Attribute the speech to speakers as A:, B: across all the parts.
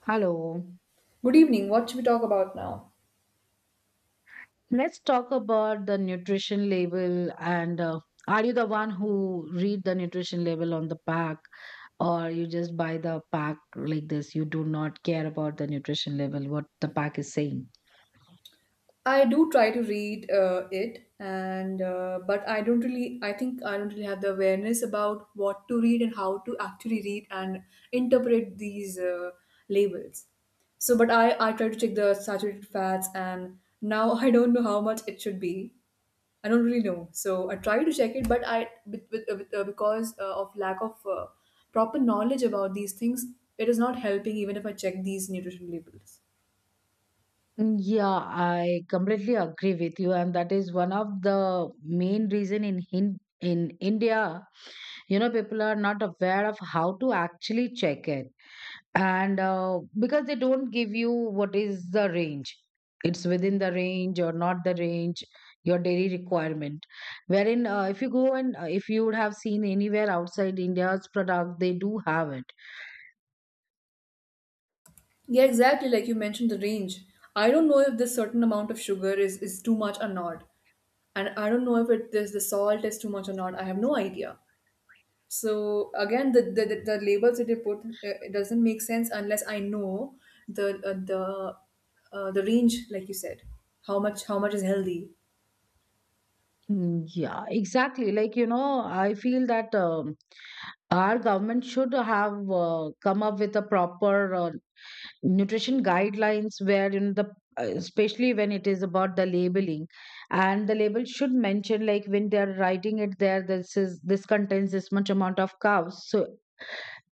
A: Hello.
B: Good evening. What should we talk about now?
A: Let's talk about the nutrition label, and are you the one who read the nutrition label on the pack, or you just buy the pack like this? You do not care about the nutrition label, what the pack is saying.
B: I do try to read it, and but I don't really. I think I don't really have the awareness about what to read and how to actually read and interpret these labels. So, but I try to check the saturated fats, and now I don't know how much it should be. I don't really know. So I try to check it, but I with, because of lack of proper knowledge about these things, it is not helping even if I check these nutrition labels.
A: Mm, yeah, I completely agree with you, and that is one of the main reason in Hin in India, you know, people are not aware of how to actually check it, and because they don't give you what is the range, it's within the range or not the range, your daily requirement. Wherein, if you go and if you would have seen anywhere outside India's product, they do have it.
B: Yeah, exactly. Like you mentioned, the range. I don't know if this certain amount of sugar is too much or not. And I don't know if it this the salt is too much or not. I have no idea. So again, the labels that they put it doesn't make sense unless I know the uh, the the range, like you said, how much is healthy.
A: Mm, yeah, exactly. Like, you know, I feel that our government should have come up with a proper nutrition guidelines where, you know, the especially when it is about the labeling, and the label should mention, like, when they're writing it there, this is, this contains this much amount of carbs. So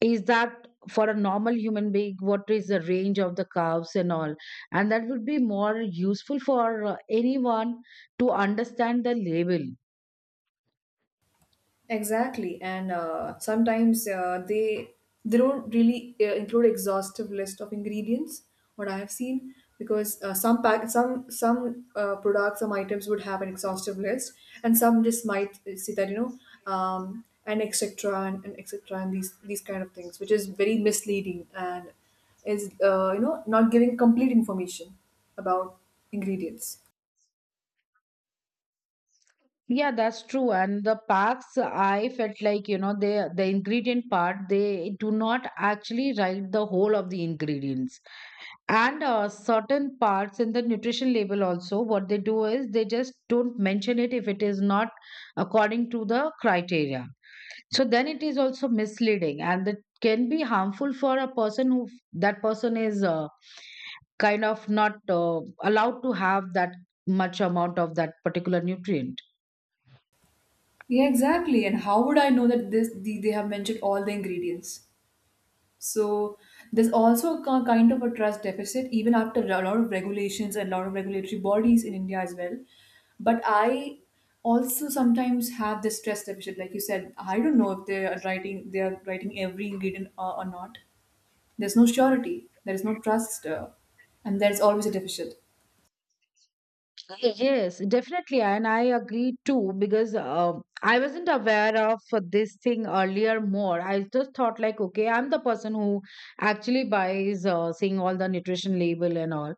A: is that for a normal human being, what is the range of the carbs and all, and that would be more useful for anyone to understand the label.
B: Exactly, and sometimes they don't really include exhaustive list of ingredients. What I have seen, because some pack some products some items would have an exhaustive list, and some just might see that and etc and etc and these kind of things, which is very misleading and is not giving complete information about ingredients.
A: Yeah, that's true. And the packs, I felt like, you know, the ingredient part, they do not actually write the whole of the ingredients. And certain parts in the nutrition label also, what they do is they just don't mention it if it is not according to the criteria. So then it is also misleading, and it can be harmful for a person who that person is kind of not allowed to have that much amount of that particular nutrient.
B: Yeah, exactly. And how would I know that they have mentioned all the ingredients? So there's also a kind of a trust deficit, even after a lot of regulations and a lot of regulatory bodies in India as well. But I also sometimes have this trust deficit, like you said. I don't know if they are writing every ingredient or not. There's no surety. There is no trust, and there's always a deficit.
A: Yes, definitely. And I agree too because I wasn't aware of this thing earlier more. I just thought, like, okay, I'm the person who actually buys, seeing all the nutrition label and all.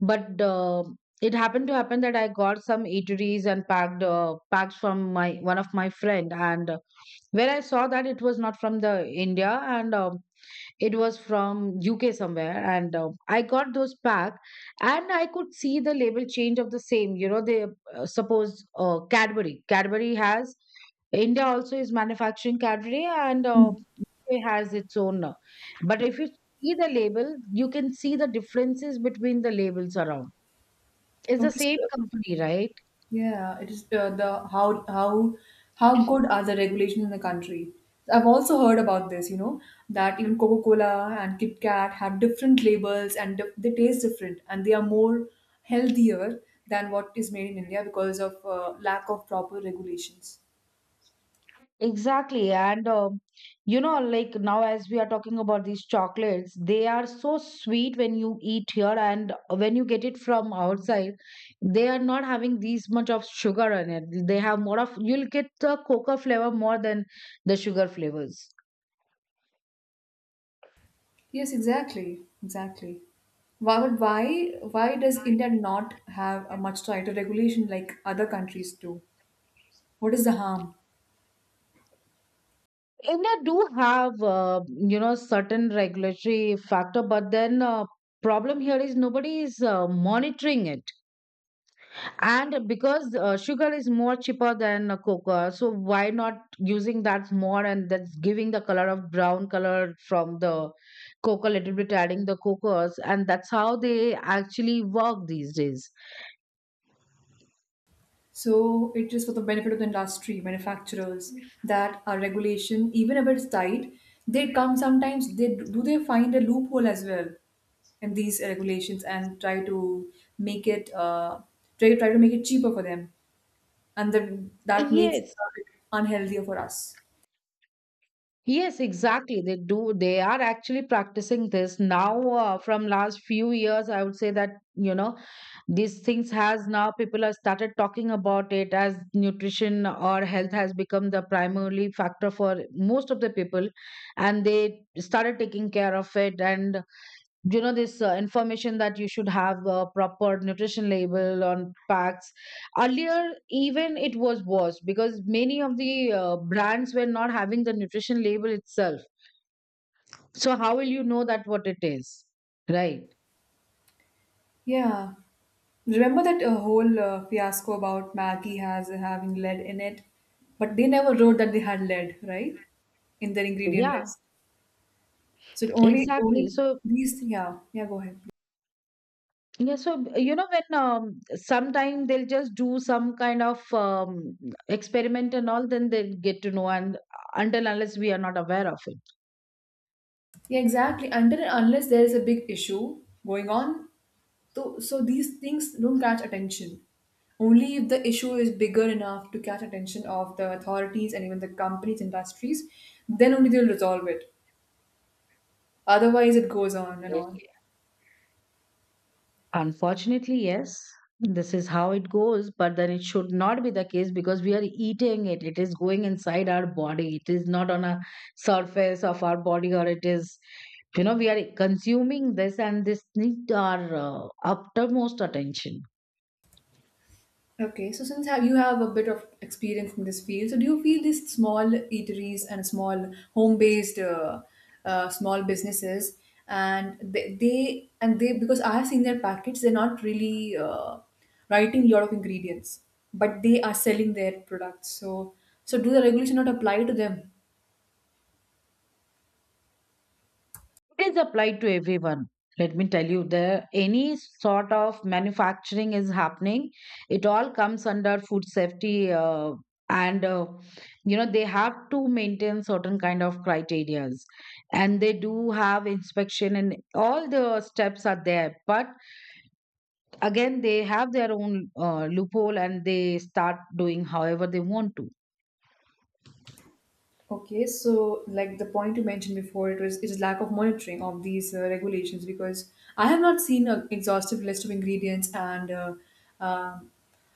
A: But it happened to happen that I got some eateries and packed packs from my one of my friend, and where I saw that it was not from the India, and it was from UK somewhere, and I got those pack, and I could see the label change of the same. You know, they, suppose, Cadbury. Cadbury has, India also is manufacturing Cadbury, and it has its own. But if you see the label, you can see the differences between the labels around. It's the
B: Okay,
A: same
B: so
A: company, right?
B: yeah, it is the how good are the regulations in the country? I've also heard about this, you know, that even Coca-Cola and Kit Kat have different labels and they taste different and they are more healthier than what is made in India because of lack of proper regulations.
A: Exactly. And, you know, like, now, as we are talking about these chocolates, they are so sweet when you eat here. And when you get it from outside, they are not having these much of sugar in it. They have more of, you'll get the cocoa flavor more than the sugar flavors.
B: Yes, exactly. Why, but why does India not have a much tighter regulation like other countries do? What is the harm?
A: India do have, you know, certain regulatory factor, but then problem here is nobody is monitoring it, and because sugar is more cheaper than cocoa, so why not using that more? And that's giving the color of brown color from the cocoa, little bit adding the cocoas, and that's how they actually work these days.
B: So it is for the benefit of the industry, manufacturers, that our regulation, even if it's tight, they come sometimes they do they find a loophole as well in these regulations and try to make it try to make it cheaper for them, and then that makes
A: Yes,
B: it unhealthier for us.
A: yes, exactly, they do. They are actually practicing this now, from last few years, I would say that, you know, these things has now, people have started talking about it as nutrition or health has become the primarily factor for most of the people, and they started taking care of it. And you know, this information that you should have a proper nutrition label on packs. Earlier even it was worse because many of the brands were not having the nutrition label itself. So how will you know that what it is, right?
B: Yeah. Remember that whole fiasco about Maggie has having lead in it, but they never wrote that they had lead, right? In their ingredient
A: Yeah,
B: list. So it only
A: exactly,
B: only
A: so.
B: these yeah yeah go ahead.
A: Yeah, so you know when, sometime they'll just do some kind of, experiment and all, then they'll get to know, and until unless we are not aware of it.
B: Yeah, exactly. Until and unless there is a big issue going on, so so these things don't catch attention. Only if the issue is bigger enough to catch attention of the authorities and even the companies, industries, then only they'll resolve it. Otherwise, it goes on and
A: Yes,
B: on.
A: yes. Unfortunately, yes, this is how it goes, but then it should not be the case because we are eating it. It is going inside our body. It is not on a surface of our body, or it is, you know, we are consuming this, and this needs our uttermost attention.
B: Okay, so since have you have a bit of experience in this field, so do you feel these small eateries and small home-based small businesses and they because I have seen their packets, they're not really writing a lot of ingredients, but they are selling their products. So so do the regulation not apply to them?
A: It is applied to everyone. Let me tell you, there any sort of manufacturing is happening. It all comes under food safety, and you know, they have to maintain certain kind of criterias, and they do have inspection, and all the steps are there. But again, they have their own loophole, and they start doing however they want to.
B: Okay, so like the point you mentioned before, it was it is lack of monitoring of these regulations because I have not seen an exhaustive list of ingredients and uh,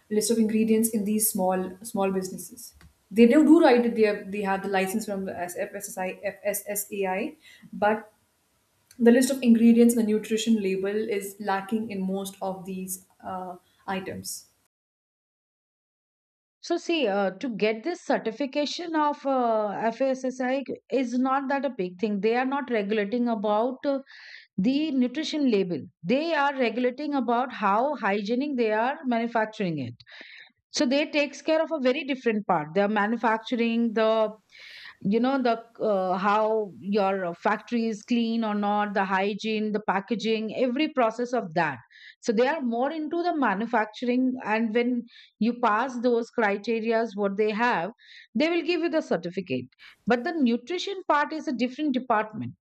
B: list of ingredients in these small businesses. They do, do write that they have the license from the FSSI, FSSAI, but the list of ingredients and the nutrition label is lacking in most of these items.
A: So see, to get this certification of FSSAI is not that a big thing. They are not regulating about the nutrition label. They are regulating about how hygienic they are manufacturing it. So they takes care of a very different part. They are manufacturing the you know the how your factory is clean or not, the hygiene, the packaging, every process of that. So they are more into the manufacturing, and when you pass those criterias what they have, they will give you the certificate. But the nutrition part is a different department,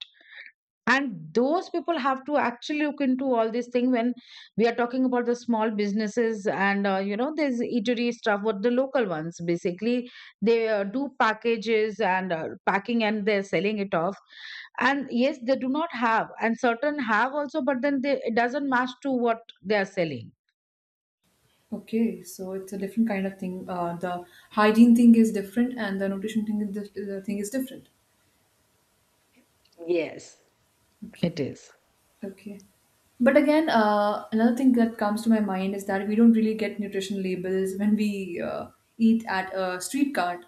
A: and those people have to actually look into all these things. When we are talking about the small businesses and, you know, there's eatery stuff, what the local ones basically, they do packages and packing, and they're selling it off. And yes, they do not have, and certain have also, but then they, it doesn't match to what they are selling.
B: Okay, so it's a different kind of thing. The hygiene thing is different, and the nutrition thing is dif- the thing is different.
A: Yes, it
B: Okay,
A: is.
B: okay. But again, another thing that comes to my mind is that we don't really get nutrition labels when we eat at a street cart,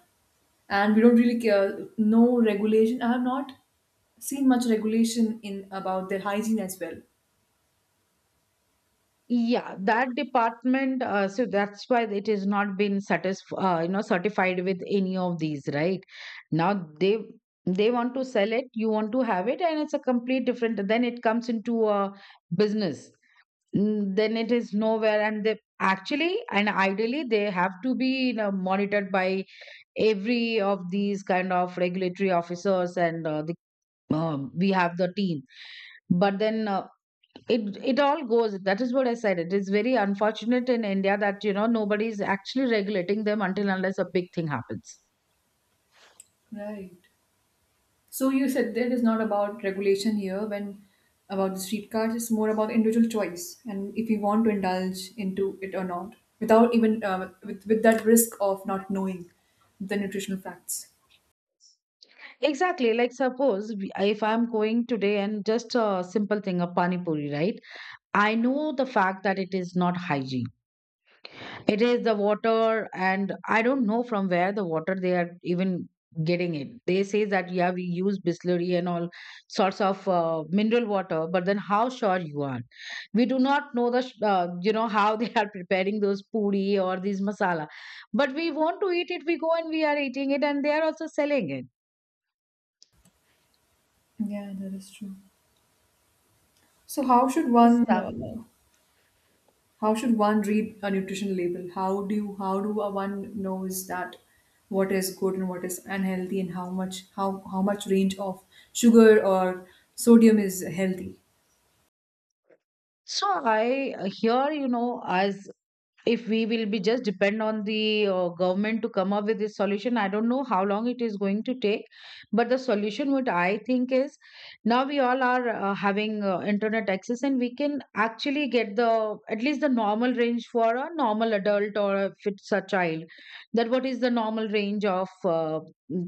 B: and we don't really care. No regulation. I have not seen much regulation in about their hygiene as well.
A: Yeah, that department, so that's why it is not been you know, certified with any of these, right? Now they want to sell it, you want to have it, and it's a complete different. Then it comes into a business. Mm, then it is nowhere, and they actually, and ideally they have to be, you know, monitored by every of these kind of regulatory officers, and the we have the team. But then it all goes, that is what I said, it is very unfortunate in India that, you know, nobody is actually regulating them until unless a big thing happens.
B: Right. So you said that it's not about regulation here when about the streetcars, it's more about individual choice and if you want to indulge into it or not, without even with that risk of not knowing the nutritional facts.
A: Exactly, like suppose if I'm going today and just a simple thing, a pani puri, right? I know the fact that it is not hygiene. It is the water, and I don't know from where the water they are even getting it. They say that, yeah, we use distillery and all sorts of mineral water, but then how sure you are? We do not know the you know, how they are preparing those puri or these masala, but we want to eat it. We go and we are eating it, and they are also selling it.
B: Yeah, that is true. So
A: So.
B: how should one read a nutrition label? How do a one knows that what is good and what is unhealthy and how much range of sugar or sodium is healthy?
A: So I, here, you know, as if we will be just depend on the government to come up with this solution, I don't know how long it is going to take. But the solution, what I think is, now we all are having internet access, and we can actually get the at least the normal range for a normal adult or if it's a child. That what is the normal range of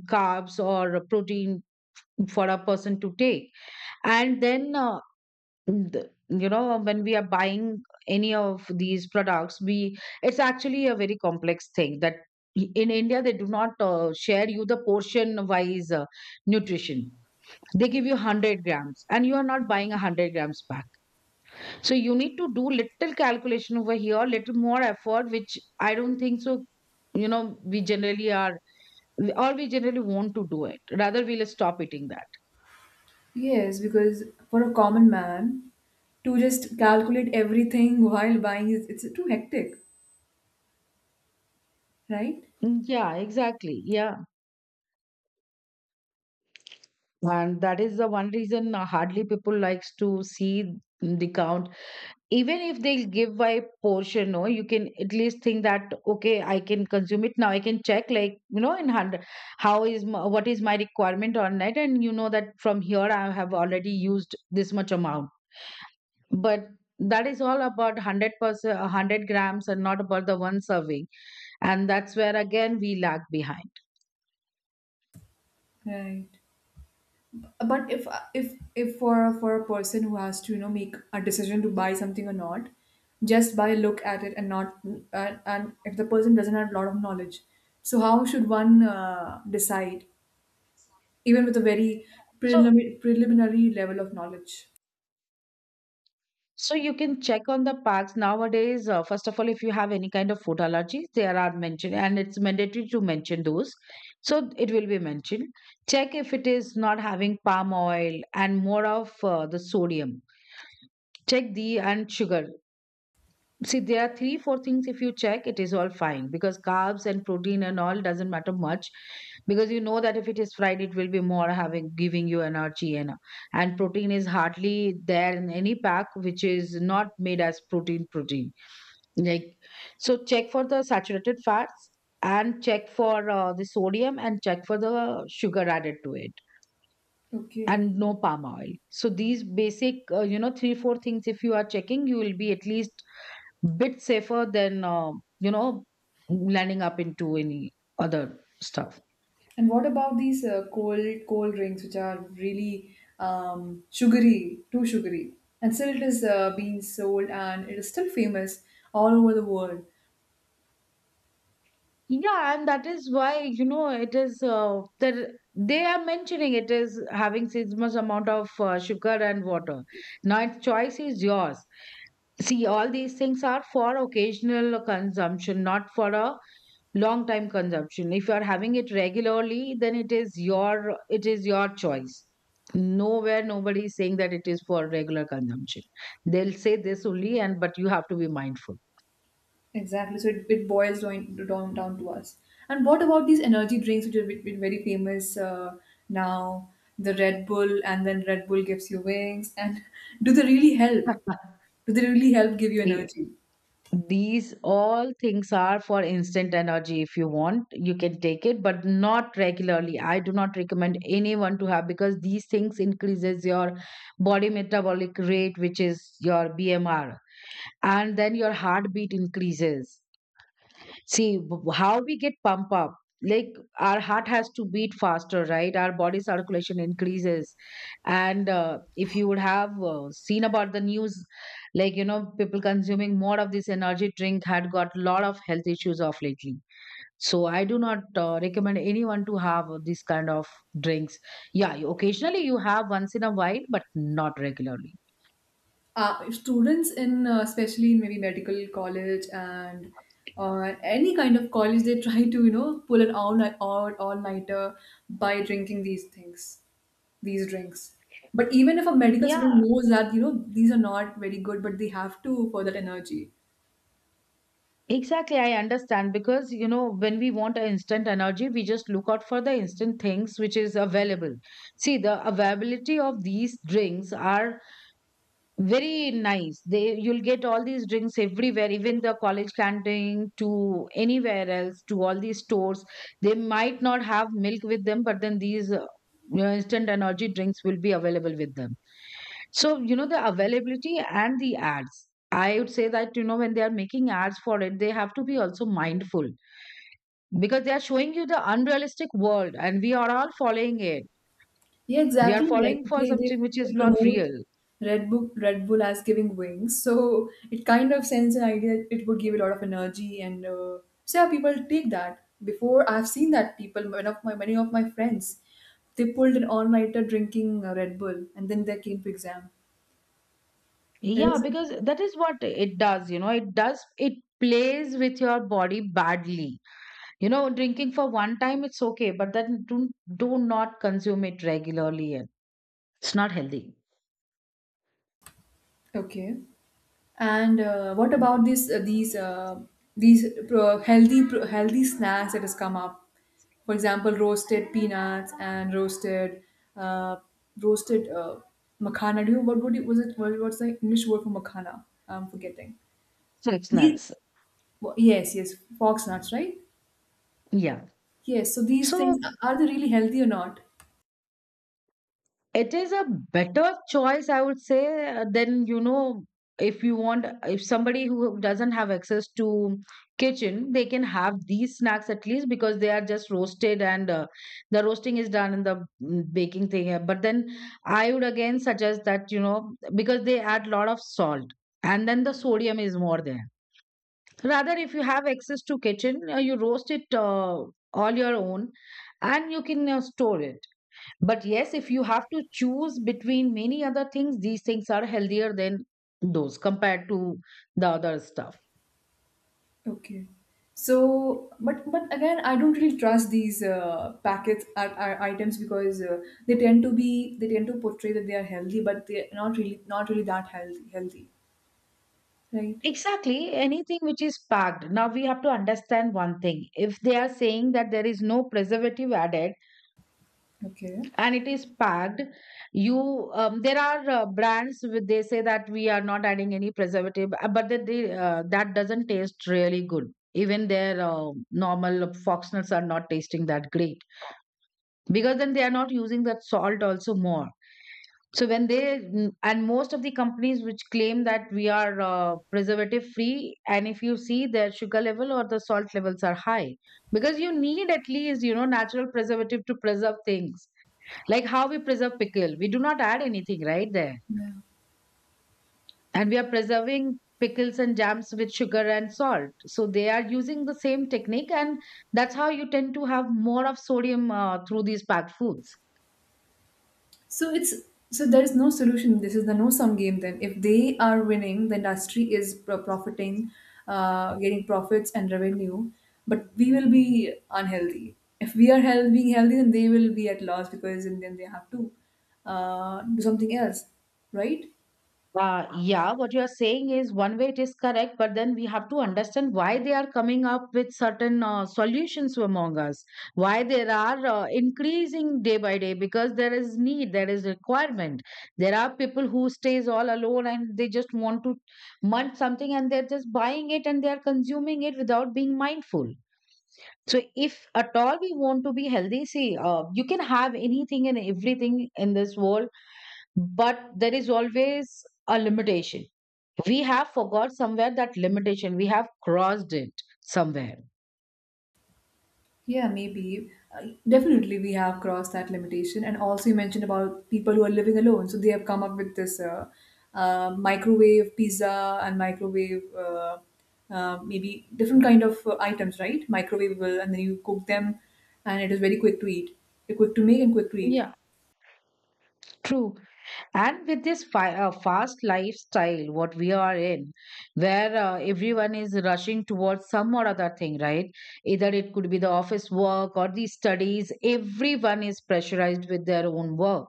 A: carbs or protein for a person to take. And then you know, when we are buying any of these products, we, it's actually a very complex thing that, in India they do not share you the portion wise nutrition. They give you 100 grams, and you are not buying a 100 grams pack. So you need to do little calculation over here, little more effort, which I don't think so, you know, we generally are, or we generally want to do it, rather we'll stop eating that.
B: Yes, because for a common man to just calculate everything while buying is it's too hectic, right?
A: Mm, yeah, exactly, yeah. And that is the one reason hardly people likes to see the count. Even if they give by portion, no, you can at least think that, okay, I can consume it now, I can check, like, you know, in hundred how is my, what is my requirement on net, and you know that from here I have already used this much amount. But that is all about 100% 100 grams, and not about the one serving, and that's where again we lag behind.
B: Right. But if for a person who has to you know make a decision to buy something or not, just by a look at it and not and if the person doesn't have a lot of knowledge, so how should one decide even with a very
A: So.
B: preliminary level of knowledge?
A: So you can check on the packs nowadays. First of all, if you have any kind of food allergies, there are mentioned, and it's mandatory to mention those. So it will be mentioned. Check if it is not having palm oil and more of the sodium. Check the and sugar. See, there are three, four things. If you check, it is all fine because carbs and protein and all doesn't matter much because you know that if it is fried, it will be more having giving you energy and protein is hardly there in any pack which is not made as protein. Like Check for the saturated fats and check for the sodium and check for the sugar added to it
B: Okay.
A: and no palm oil. So these basic, three four things. If you are checking, you will be at least bit safer than you know landing up into any other stuff.
B: And what about these cold drinks, which are really sugary, too sugary? And still, it is being sold, and it is still famous all over the world.
A: Yeah, and that is why you know it is that they are mentioning it is having this much amount of sugar and water. Now its choice is yours. See, all these things are for occasional consumption, not for a long time consumption. If you are having it regularly, then it is your choice. Nowhere, nobody is saying that it is for regular consumption. They'll say this only, and but you have to be mindful.
B: Exactly. So it boils down to us. And what about these energy drinks, which are very famous now? The Red Bull, and then Red Bull gives you wings. And do they really help? Do they really help give you
A: Eh,
B: energy?
A: these all things are for instant energy. If you want, you can take it, but not regularly. I do not recommend anyone to have, because these things increases your body metabolic rate, which is your BMR, and then your heartbeat increases. See how we get pump up. Like our heart has to beat faster, right? Our body circulation increases, and if you would have seen about the news, like you know, people consuming more of this energy drink had got a lot of health issues of lately. So I do not recommend anyone to have this kind of drinks. Yeah, occasionally you have once in a while, but not regularly.
B: Uh, students in especially in maybe medical college and any kind of college they try to you know pull an all night all nighter by drinking these things these drinks but even if a medical student
A: Yeah,
B: knows that you know these are not very good but they have to for that energy.
A: exactly, I understand, because you know, when we want an instant energy, we just look out for the instant things which is available. See, the availability of these drinks are very nice. They You'll get all these drinks everywhere, even the college canteen to anywhere else, to all these stores. They might not have milk with them, but then these instant energy drinks will be available with them. So, you know, the availability and the ads. I would say that, you know, when they are making ads for it, they have to be also mindful, because they are showing you the unrealistic world and we are all following it.
B: Yeah,
A: We are
B: exactly. Like
A: following for something which
B: they
A: is not
B: promote
A: real.
B: Red Bull, Red Bull as giving wings. So it kind of sends an idea that it would give a lot of energy and so yeah, people take that. Before I've seen that people, one of my many of my friends, they pulled an all-nighter drinking Red Bull and then they came to exam. It
A: Yeah,
B: was
A: because that is what it does, you know, it plays with your body badly. You know, drinking for one time, it's okay, but then do not consume it regularly. It's not healthy.
B: okay. And what about this these healthy healthy snacks that has come up? For example, roasted peanuts and uh, roasted makhana. Do you what would it was it what, what's the English word for makhana? I'm forgetting.
A: So it's
B: These,
A: nuts.
B: well, yes, yes, fox nuts, right?
A: Yeah.
B: Yes. So these
A: So
B: things are they really healthy or not?
A: It is a better choice, I would say, if you want, if somebody who doesn't have access to kitchen, they can have these snacks at least, because they are just roasted and the roasting is done in the baking thing here. But then I would again suggest that, you know, because they add lot of salt, and then the sodium is more there. Rather, if you have access to kitchen, you roast it all your own, and you can store it. But yes, if you have to choose between many other things, these things are healthier than those compared to the other stuff.
B: Okay. So, but again, I don't really trust these packets or items because they tend to be they tend to portray that they are healthy, but they're not really that healthy. Healthy, right?
A: Exactly, anything which is packed. Now we have to understand one thing. If they are saying that there is no preservative added
B: Okay.
A: and it is packed, you there are brands with they say that we are not adding any preservative, but that doesn't taste really good. Even their normal fox nuts are not tasting that great, because then they are not using that salt also more. So when they and most of the companies which claim that we are preservative free, and if you see their sugar level or the salt levels are high, because you need at least, you know, natural preservative to preserve things. Like, how we preserve pickle? We do not add anything right there,
B: Yeah.
A: and we are preserving pickles and jams with sugar and salt. So they are using the same technique, and that's how you tend to have more of sodium through these packed foods.
B: So it's so there is no solution. This is the no sum game. Then, if they are winning, the industry is profiting, getting profits and revenue, but we will be unhealthy. If we are health, being healthy, then they will be at loss because and then they have to do something else, right?
A: Yeah, what you're saying is one way it is correct, but then we have to understand why they are coming up with certain solutions among us, why there are increasing day by day, because there is need, there is requirement. There are people who stays all alone and they just want to munch something, and they're just buying it and they are consuming it without being mindful. So if at all we want to be healthy, see, you can have anything and everything in this world, but there is always a limitation. We have forgot somewhere that limitation, we have crossed it somewhere.
B: Yeah, maybe. Definitely, we have crossed that limitation. And also, you mentioned about people who are living alone. So they have come up with this microwave pizza and microwave, maybe different kind of items, right? Microwavable, and then you cook them, and it is very quick to eat. They're quick to make and quick to eat.
A: Yeah, true. And with this fast lifestyle what we are in, where everyone is rushing towards some or other thing, right? Either it could be the office work or the studies, everyone is pressurized with their own work.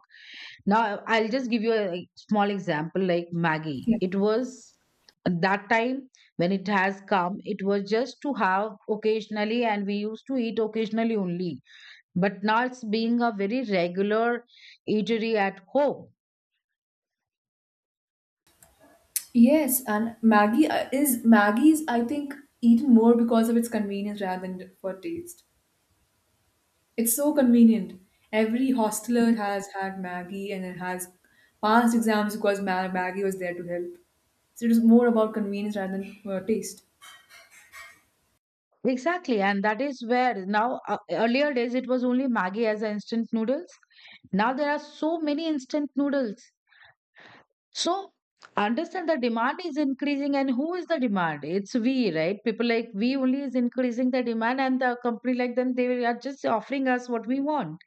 A: Now, I'll just give you a small example like Maggie.
B: Yeah.
A: It was that time, when it has come, it was just to have occasionally, and we used to eat occasionally only. But now it's being a very regular eatery at home.
B: Yes, and Maggie is Maggie's. I think eaten more because of its convenience rather than for taste. It's so convenient. Every hosteler has had Maggie and it has passed exams because Maggie was there to help. So it was more about convenience rather than taste.
A: Exactly, and that is where now, earlier days it was only Maggie as a instant noodles. Now there are so many instant noodles. So understand, the demand is increasing, and who is the demand? It's we, right? People like we only is increasing the demand, and the company like them, they are just offering us what we want.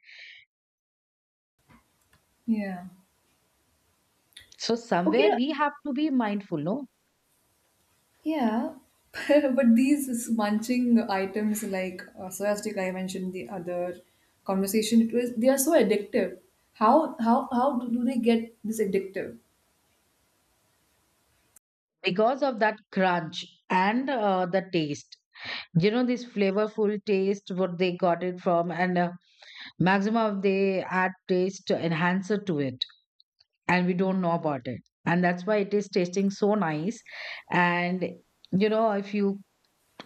B: Yeah.
A: So somewhere
B: Okay.
A: we have to be mindful, no?
B: Yeah. but these munching items like soya stick I mentioned the other conversation, it was they are so addictive. How do they get this addictive?
A: Because of that crunch and the taste. You know, this flavorful taste what they got it from, and maximum they add taste enhancer to it, and we don't know about it, and that's why it is tasting so nice. And you know, if you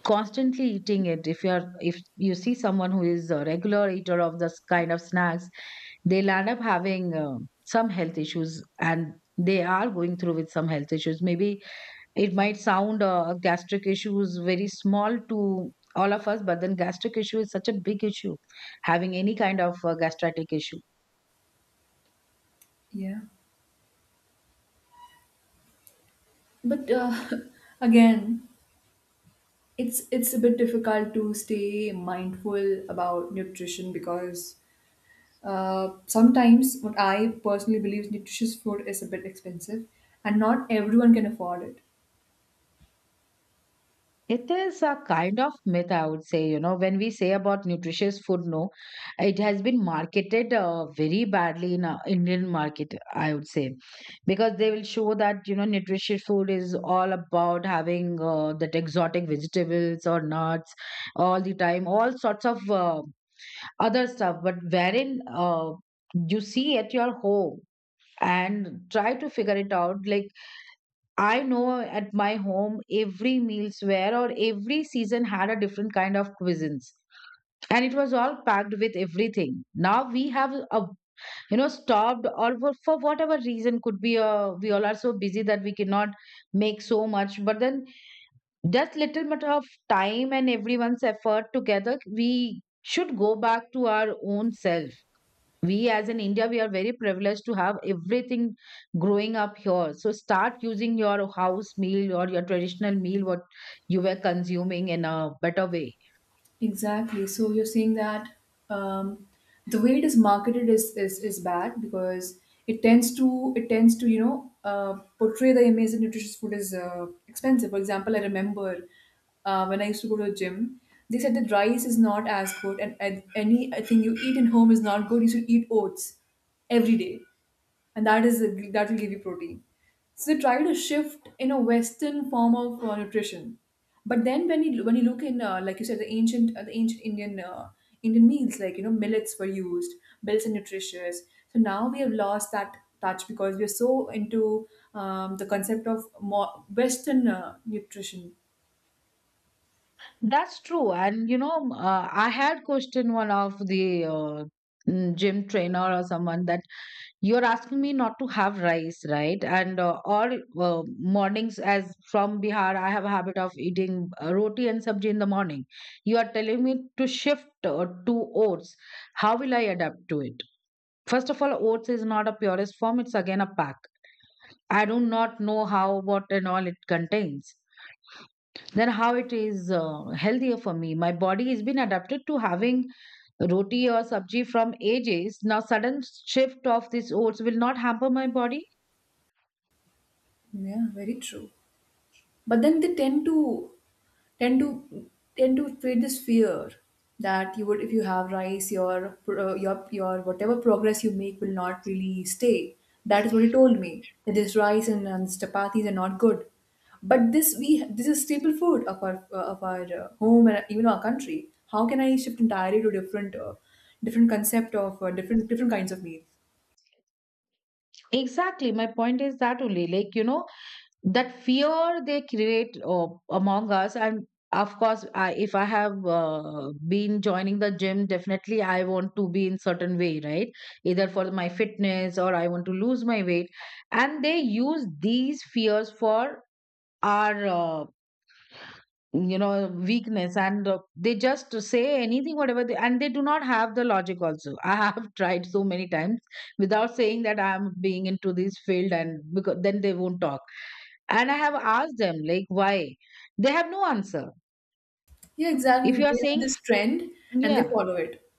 A: constantly eating it, if you see someone who is a regular eater of this kind of snacks, they'll end up having some health issues, and they are going through with some health issues. Maybe it might sound gastric issues very small to all of us, but then gastric issue is such a big issue, having any kind of gastric issue.
B: Yeah. But again, it's a bit difficult to stay mindful about nutrition because sometimes what I personally believe is nutritious food is a bit expensive and not everyone can afford it.
A: It is a kind of myth, I would say. You know, when we say about nutritious food, no, it has been marketed very badly in Indian market, I would say, because they will show that, you know, nutritious food is all about having that exotic vegetables or nuts all the time, all sorts of other stuff. But wherein you see at your home and try to figure it out, like, I know at my home every meals were, or every season had a different kind of cuisines, and it was all packed with everything. Now we have a, you know, stopped or for whatever reason could be, we all are so busy that we cannot make so much, but then just little bit of time and everyone's effort together, we should go back to our own self. We, as in India, we are very privileged to have everything growing up here. So start using your house meal or your traditional meal what you were consuming in a better way.
B: Exactly. So you're saying that um, the way it is marketed is bad because it tends to you know portray the image that nutritious food is expensive. For example, I remember when I used to go to a gym, they said that rice is not as good, and anything you eat in home is not good. You should eat oats every day and that will give you protein. So they try to shift in a Western form of nutrition, but then when you look in like you said the ancient Indian Indian meals like you know millets were used, millets are nutritious. So now we have lost that touch because we are so into the concept of more Western nutrition.
A: That's true, and you know, I had questioned one of the gym trainer or someone that, you're asking me not to have rice, right? And all mornings, as from Bihar, I have a habit of eating roti and sabji in the morning. You are telling me to shift to oats. How will I adapt to it? First of all, oats is not a purest form, it's again a pack. I do not know how, what, and all it contains. Then, how it is healthier for me. My body has been adapted to having roti or sabji from ages. Now, sudden shift of these oats will not hamper my body.
B: Yeah, very true. But then they tend to tend to create this fear that you would if you have rice your your whatever progress you make will not really stay. That is what he told me that this and this chapatis are not good but this is staple food of our home and even our country. How can I shift entirely to different different concept of different kinds of meals?
A: Exactly. My point is that only, like, you know, that fear they create among us. And of course, if I have been joining the gym, definitely I want to be in certain way, right? Either for my fitness, or I want to lose my weight. And they use these fears for our weakness, and they just say anything whatever they, and they do not have the logic also. I have tried so many times without saying that I am being into this field, and because then they won't talk. And I have asked them like why, they have no answer.
B: Yeah, exactly,
A: If you are
B: they have
A: saying
B: this
A: f-
B: trend and they
A: yeah.
B: follow it.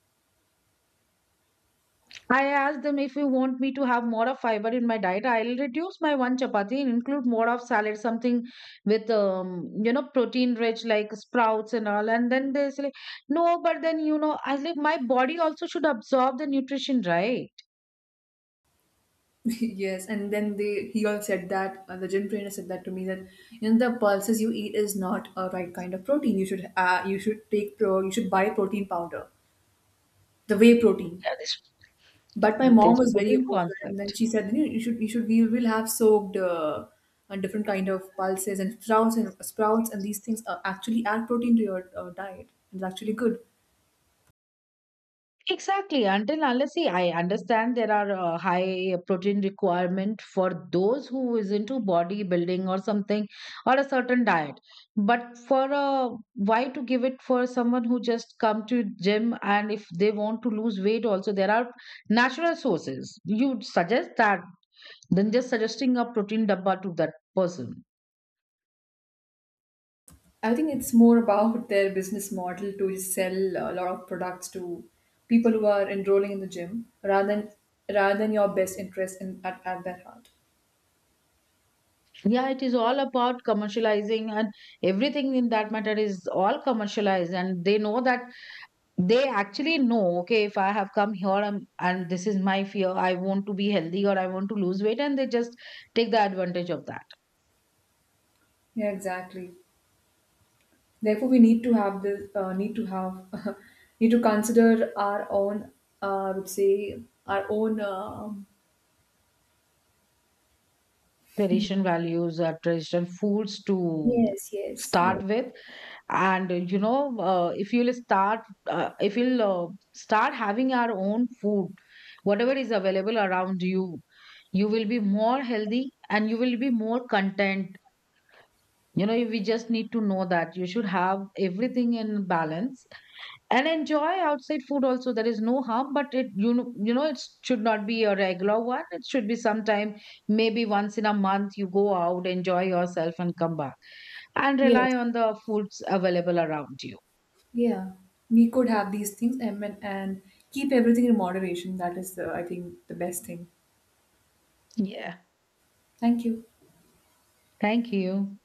A: I asked them, if you want me to have more of fiber in my diet, I'll reduce my one chapati and include more of salad, something with protein rich, like sprouts and all. And then they say, like, no, but then, you know, I was like, my body also should absorb the nutrition, right?
B: Yes, and then they he all said that the gym trainer said that to me that you know the pulses you eat is not a right kind of protein. You should take pro you should buy protein powder, the whey protein.
A: Yeah,
B: But my mom
A: this
B: was very
A: protein
B: opposed, to that, and then
A: concept.
B: she said you should we will have soaked a different kind of pulses and sprouts and these things are actually add protein to your diet. It's actually good.
A: Exactly. Until unless, see, I understand there are high protein requirement for those who is into bodybuilding or something, or a certain diet. But for a why to give it for someone who just come to gym, and if they want to lose weight, also there are natural sources. You suggest that, than just suggesting a protein dabba to that person.
B: I think it's more about their business model to sell a lot of products to people who are enrolling in the gym rather than your best interest in at their heart.
A: Yeah, it is all about commercializing, and everything in that matter is all commercialized, and they know that. They actually know, okay, if I have come here, I'm, and this is my fear, I want to be healthy or I want to lose weight, and they just take the advantage of that.
B: Yeah, exactly. Therefore, we need to have this need to have need to consider our own I would say our own
A: Tradition values, are traditional foods to
B: yes yes
A: start
B: yes
A: with. And you know if you'll start having our own food, whatever is available around you, you will be more healthy and you will be more content. You know, we just need to know that you should have everything in balance, and enjoy outside food also, there is no harm, but it, it should not be a regular one, it should be sometime, maybe once in a month you go out, enjoy yourself and come back, and rely
B: yes
A: on the foods available around you.
B: yeah we could have these things and keep everything in moderation. That is the I think the best thing.
A: Yeah.
B: Thank you.
A: Thank you.